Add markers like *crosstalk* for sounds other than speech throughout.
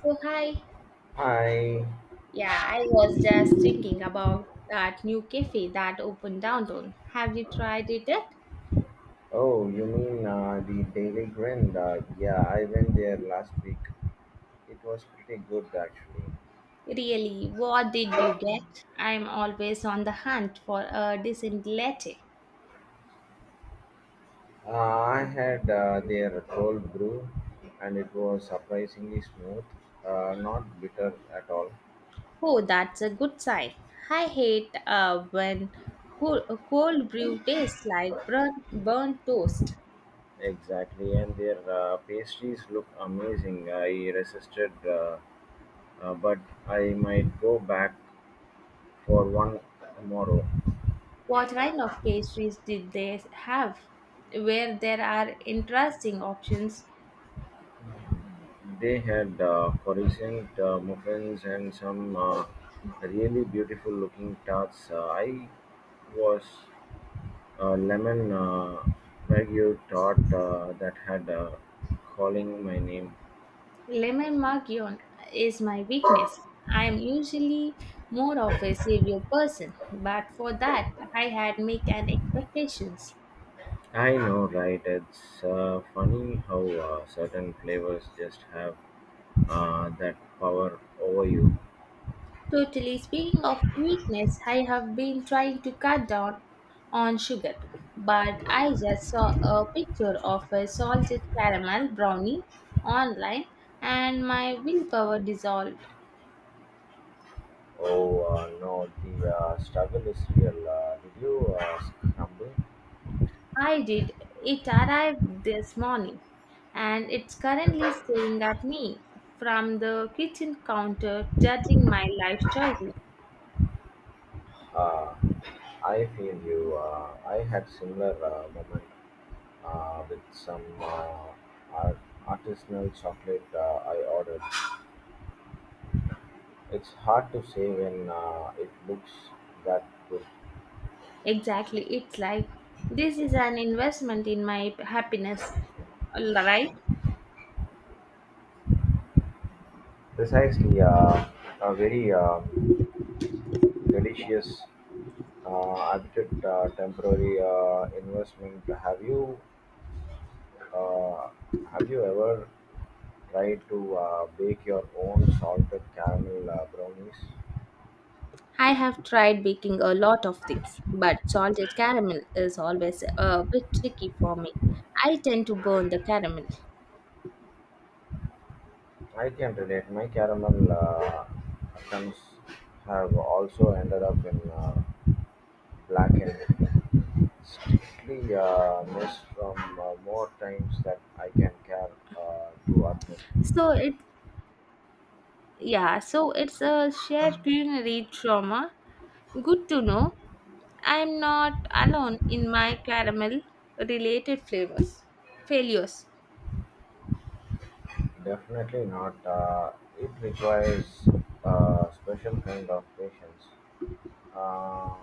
So hi. Hi. Yeah, I was just thinking about that new cafe that opened downtown. Have you tried it yet? Oh, you mean the Daily Grind? Yeah, I went there last week. It was pretty good actually. Really, what did you get? I'm always on the hunt for a decent latte. I had their cold brew and it was surprisingly smooth, not bitter at all. Oh, that's a good sign. I hate when cold, cold brew tastes like burnt toast. Exactly, and their pastries look amazing. I resisted, but I might go back for one tomorrow. What kind of pastries did they have? Where there are interesting options. They had coruscant muffins and some really beautiful-looking tarts. I was a lemon Wagyu tart that had calling my name. Lemon Magion is my weakness. I am usually more of a savior person, but for that I had make an expectations. I know, right? It's funny how certain flavors just have that power over you. Totally speaking of weakness, I have been trying to cut down on sugar, but I just saw a picture of a salted caramel brownie online and my willpower dissolved. Oh, no, the struggle is real. Did you crumble? I did. It arrived this morning and it's currently staring at me from the kitchen counter, judging my life choices. Uh, I feel you. I had similar moment with some art- artisanal chocolate I ordered. It's hard to say when it looks that good. Exactly. It's like this is an investment in my happiness, right? Precisely, a very delicious, arbitrate, temporary investment. Uh, have you ever tried to bake your own salted caramel brownies? I have tried baking a lot of things, but salted caramel is always a bit tricky for me. I tend to burn the caramel. I can relate. My caramel some have also ended up in blackened, strictly mess from more times that I can care to admit. So it yeah, so it's a shared culinary trauma. Good to know. I'm not alone in my caramel related flavors failures. Definitely not. It requires a special kind of patience. Uh,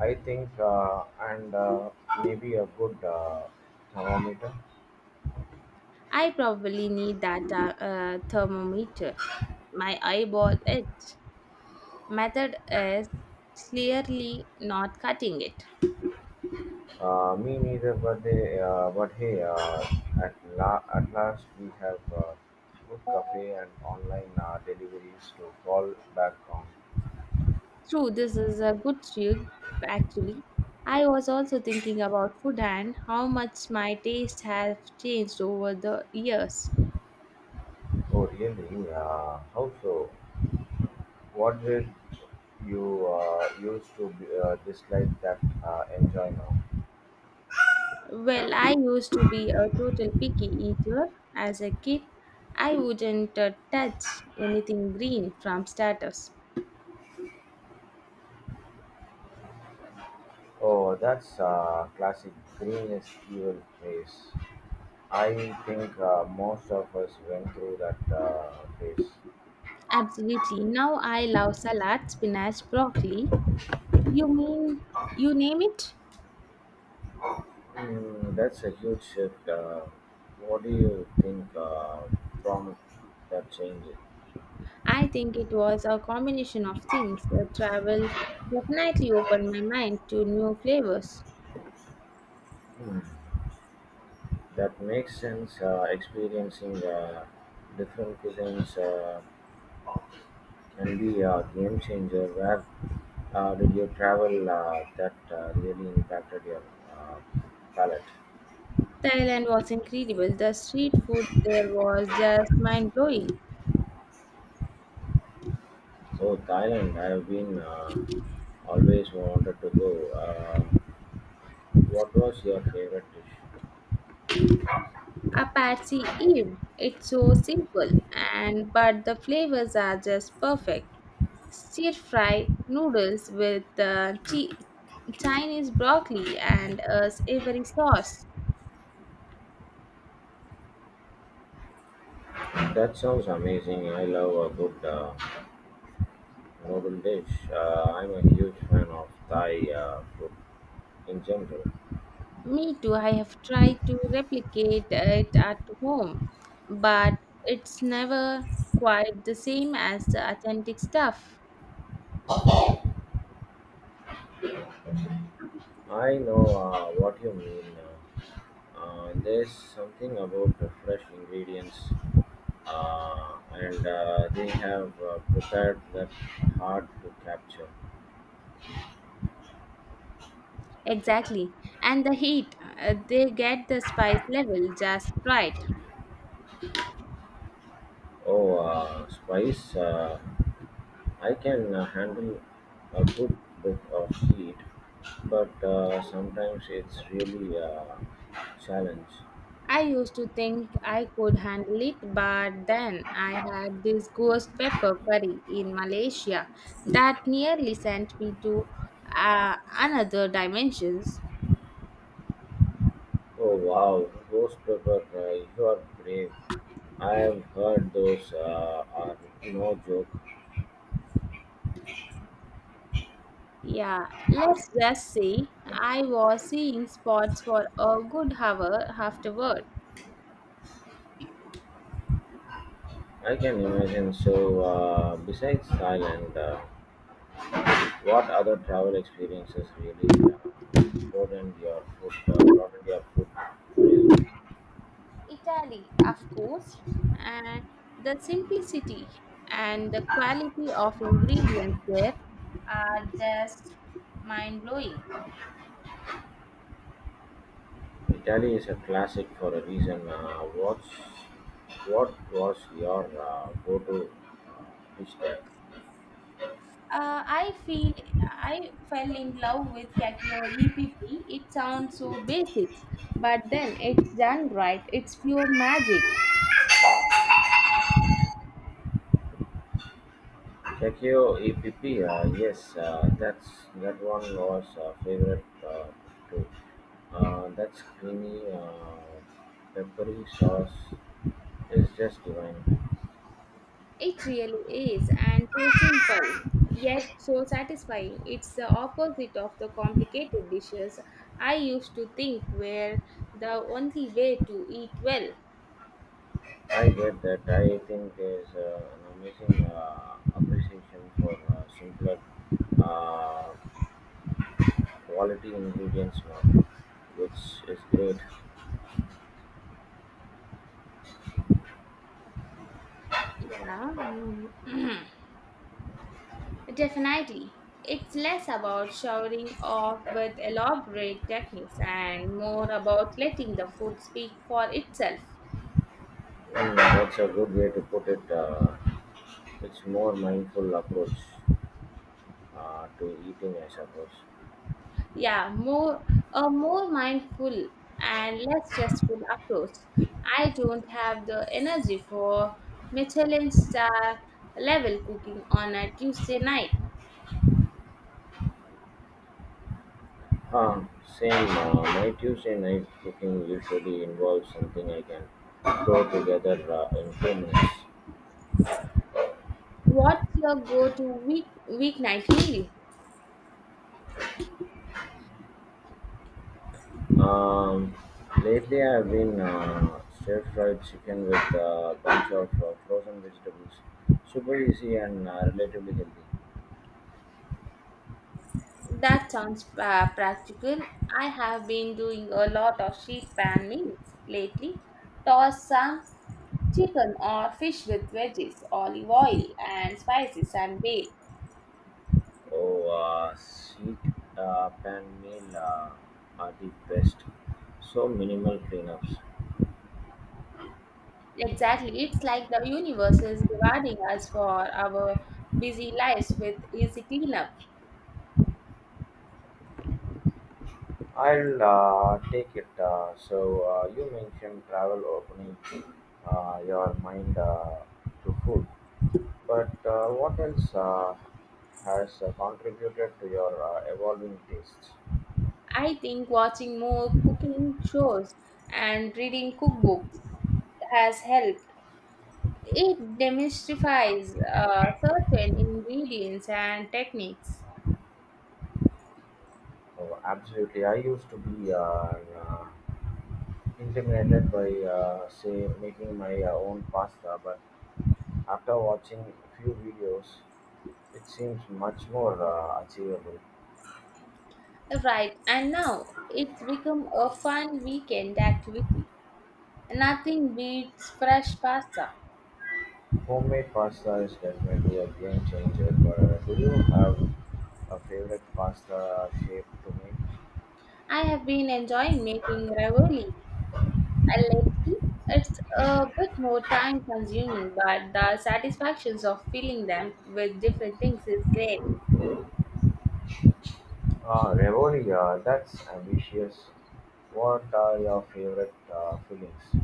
I think, and maybe a good thermometer. I probably need that thermometer. My eyeball it method is clearly not cutting it. Me neither, but but hey, at last we have good cafe and online deliveries to fall back on. True, this is a good trick actually. I was also thinking about food and how much my taste has changed over the years. Oh, really? How so? What did you used to be, dislike that enjoy now? Well, I used to be a total picky eater as a kid. I wouldn't touch anything green from starters. Oh, that's classic green is evil phase. I think most of us went through that phase. Absolutely. Now I love salad, spinach, broccoli. You mean you name it? Mm, that's a huge shift. What do you think prompted that change? I think it was a combination of things. The travel definitely opened my mind to new flavors. Hmm. That makes sense. Experiencing different cuisines can be a game changer. Where did you travel that really impacted your uh, palate? Thailand was incredible. The street food there was just mind blowing. Oh, Thailand. I have been always wanted to go. Uh, what was your favorite dish? A patsy Eve. It's so simple, and but the flavors are just perfect. Stir fry noodles with Chinese broccoli and a savory sauce. That sounds amazing. I love a good Mugundeish, I'm a huge fan of Thai food in general. Me too. I have tried to replicate it at home, but it's never quite the same as the authentic stuff. I know what you mean. There's something about the fresh ingredients, and they have prepared that hard to capture. Exactly, and the heat. They get the spice level just right. Oh, spice! I can handle a good bit of heat, but sometimes it's really a challenge. I used to think I could handle it, but then I had this ghost pepper curry in Malaysia that nearly sent me to another dimensions. Oh wow, ghost pepper! You are brave. I've heard those are no joke. Yeah, let's just say I was seeing spots for a good hour afterward. I can imagine. So, besides Thailand, what other travel experiences really broadened your food horizon? Italy, of course, and the simplicity and the quality of ingredients there are just mind blowing. Italy is a classic for a reason. What was your go-to dish there? I feel I fell in love with Kakyo EPP. It sounds so basics, but then it's done right. It's pure magic. Tokyo EPP, yes, that's that one was favorite too. That creamy peppery sauce is just divine. It really is, and so simple, yet so satisfying. It's the opposite of the complicated dishes I used to think were the only way to eat well. I get that. I think there's an amazing appreciation for simpler uh, quality ingredients now, which is great. Yeah. Mm. *clears throat* Definitely. It's less about showering off with elaborate techniques and more about letting the food speak for itself. And that's a good way to put it. It's more mindful approach to eating, I suppose. Yeah, more a more mindful and less stressful approach. I don't have the energy for Michelin star level cooking on a Tuesday night. Ah, same. My Tuesday night cooking usually involves something I can throw together in 2 minutes. What's your go-to week weeknight meal? Um, Lately, I've been stir fried chicken with a bunch of frozen vegetables. Super easy and relatively healthy. That sounds practical. I have been doing a lot of sheet pan meals lately. Toss some chicken or fish with veggies, olive oil, and spices and bake. Oh, sheet pan meal are the best. So minimal cleanups. Exactly. It's like the universe is rewarding us for our busy lives with easy cleanup. I'll take it. So you mentioned travel opening your mind to food, but what else has contributed to your evolving tastes? I think watching more cooking shows and reading cookbooks has helped. It demystifies certain ingredients and techniques. Oh, absolutely. I used to be intimidated by, say, making my own pasta, but after watching a few videos, it seems much more achievable. Right, and now it's become a fun weekend activity. Nothing beats fresh pasta. Homemade pasta is definitely a game changer, but do you have a favorite pasta shape to make? I have been enjoying making ravioli lately. It's a bit more time consuming, but the satisfactions of filling them with different things is great. Ah, ravioli, that's ambitious. What are your favorite fillings?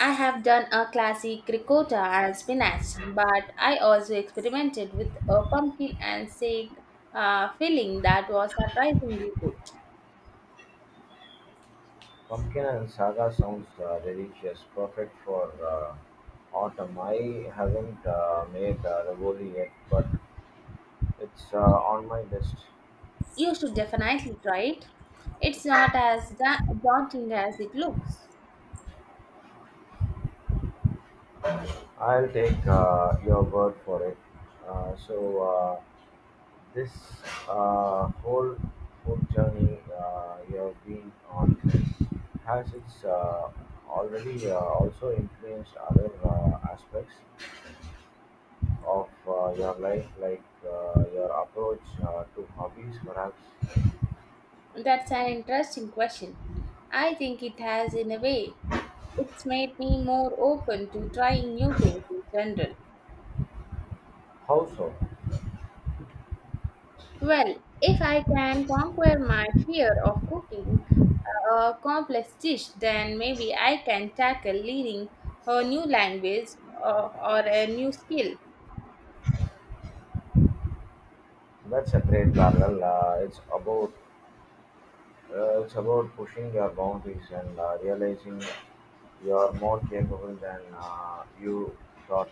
I have done a classic ricotta and spinach, but I also experimented with a pumpkin and sage filling that was surprisingly good. Pumpkin and saga sounds delicious, perfect for autumn. I haven't made ravioli yet, but it's on my list. You should definitely try it. It's not as daunting as it looks. I'll take your word for it. So this uh, whole whole journey you've been on has it's already also influenced other aspects of your life, like your approach to hobbies, perhaps. That's an interesting question. I think it has, in a way, it's made me more open to trying new things in general. How so? Well, if I can conquer my fear of cooking a complex dish, then maybe I can tackle learning a new language or a new skill. That's a great parallel. It's about pushing your boundaries and realizing you're more capable than you thought.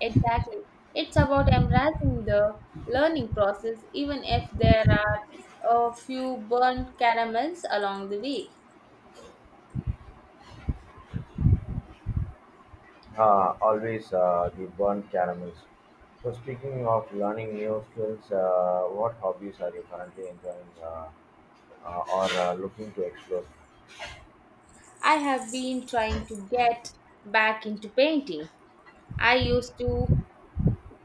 Exactly. It's about embracing the learning process, even if there are a few burnt caramels along the way. Always the burnt caramels. So speaking of learning new skills, what hobbies are you currently enjoying or looking to explore? I have been trying to get back into painting. I used to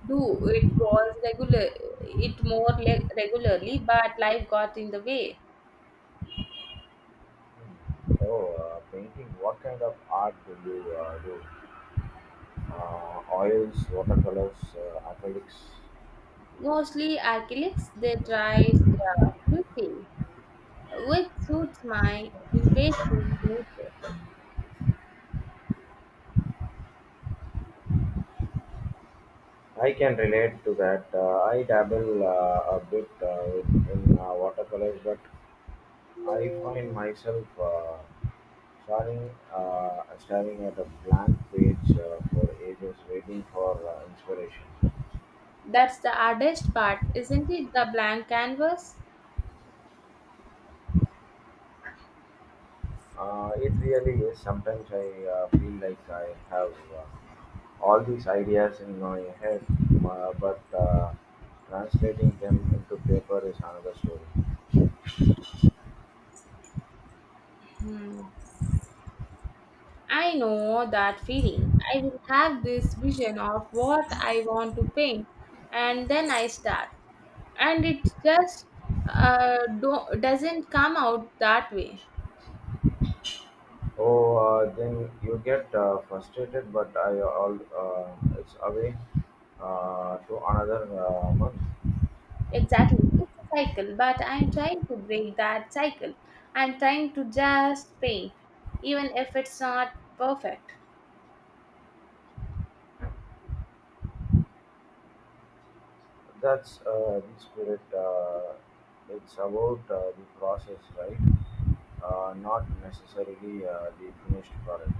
Do it was regular, it more le- regularly, but life got in the way. Oh, painting. What kind of art do you do? Oils, watercolors, acrylics. Mostly acrylics, they dry quickly, which suits my impatient nature. I can relate to that. I dabble a bit in watercolors, but I find myself staring at a blank page for ages, waiting for inspiration. That's the hardest part, isn't it? The blank canvas. It really is. Sometimes I feel like I have all these ideas in my head, but translating them into paper is another story. I know that feeling. I will have this vision of what I want to paint, and then I start, and it just doesn't come out that way. Oh, then you get frustrated, but I all it's away to another month. Exactly. It's a cycle, but I'm trying to break that cycle. I'm trying to just paint, even if it's not perfect. That's the spirit. It's about the process, right? Not necessarily the finished product.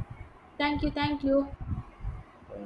Thank you.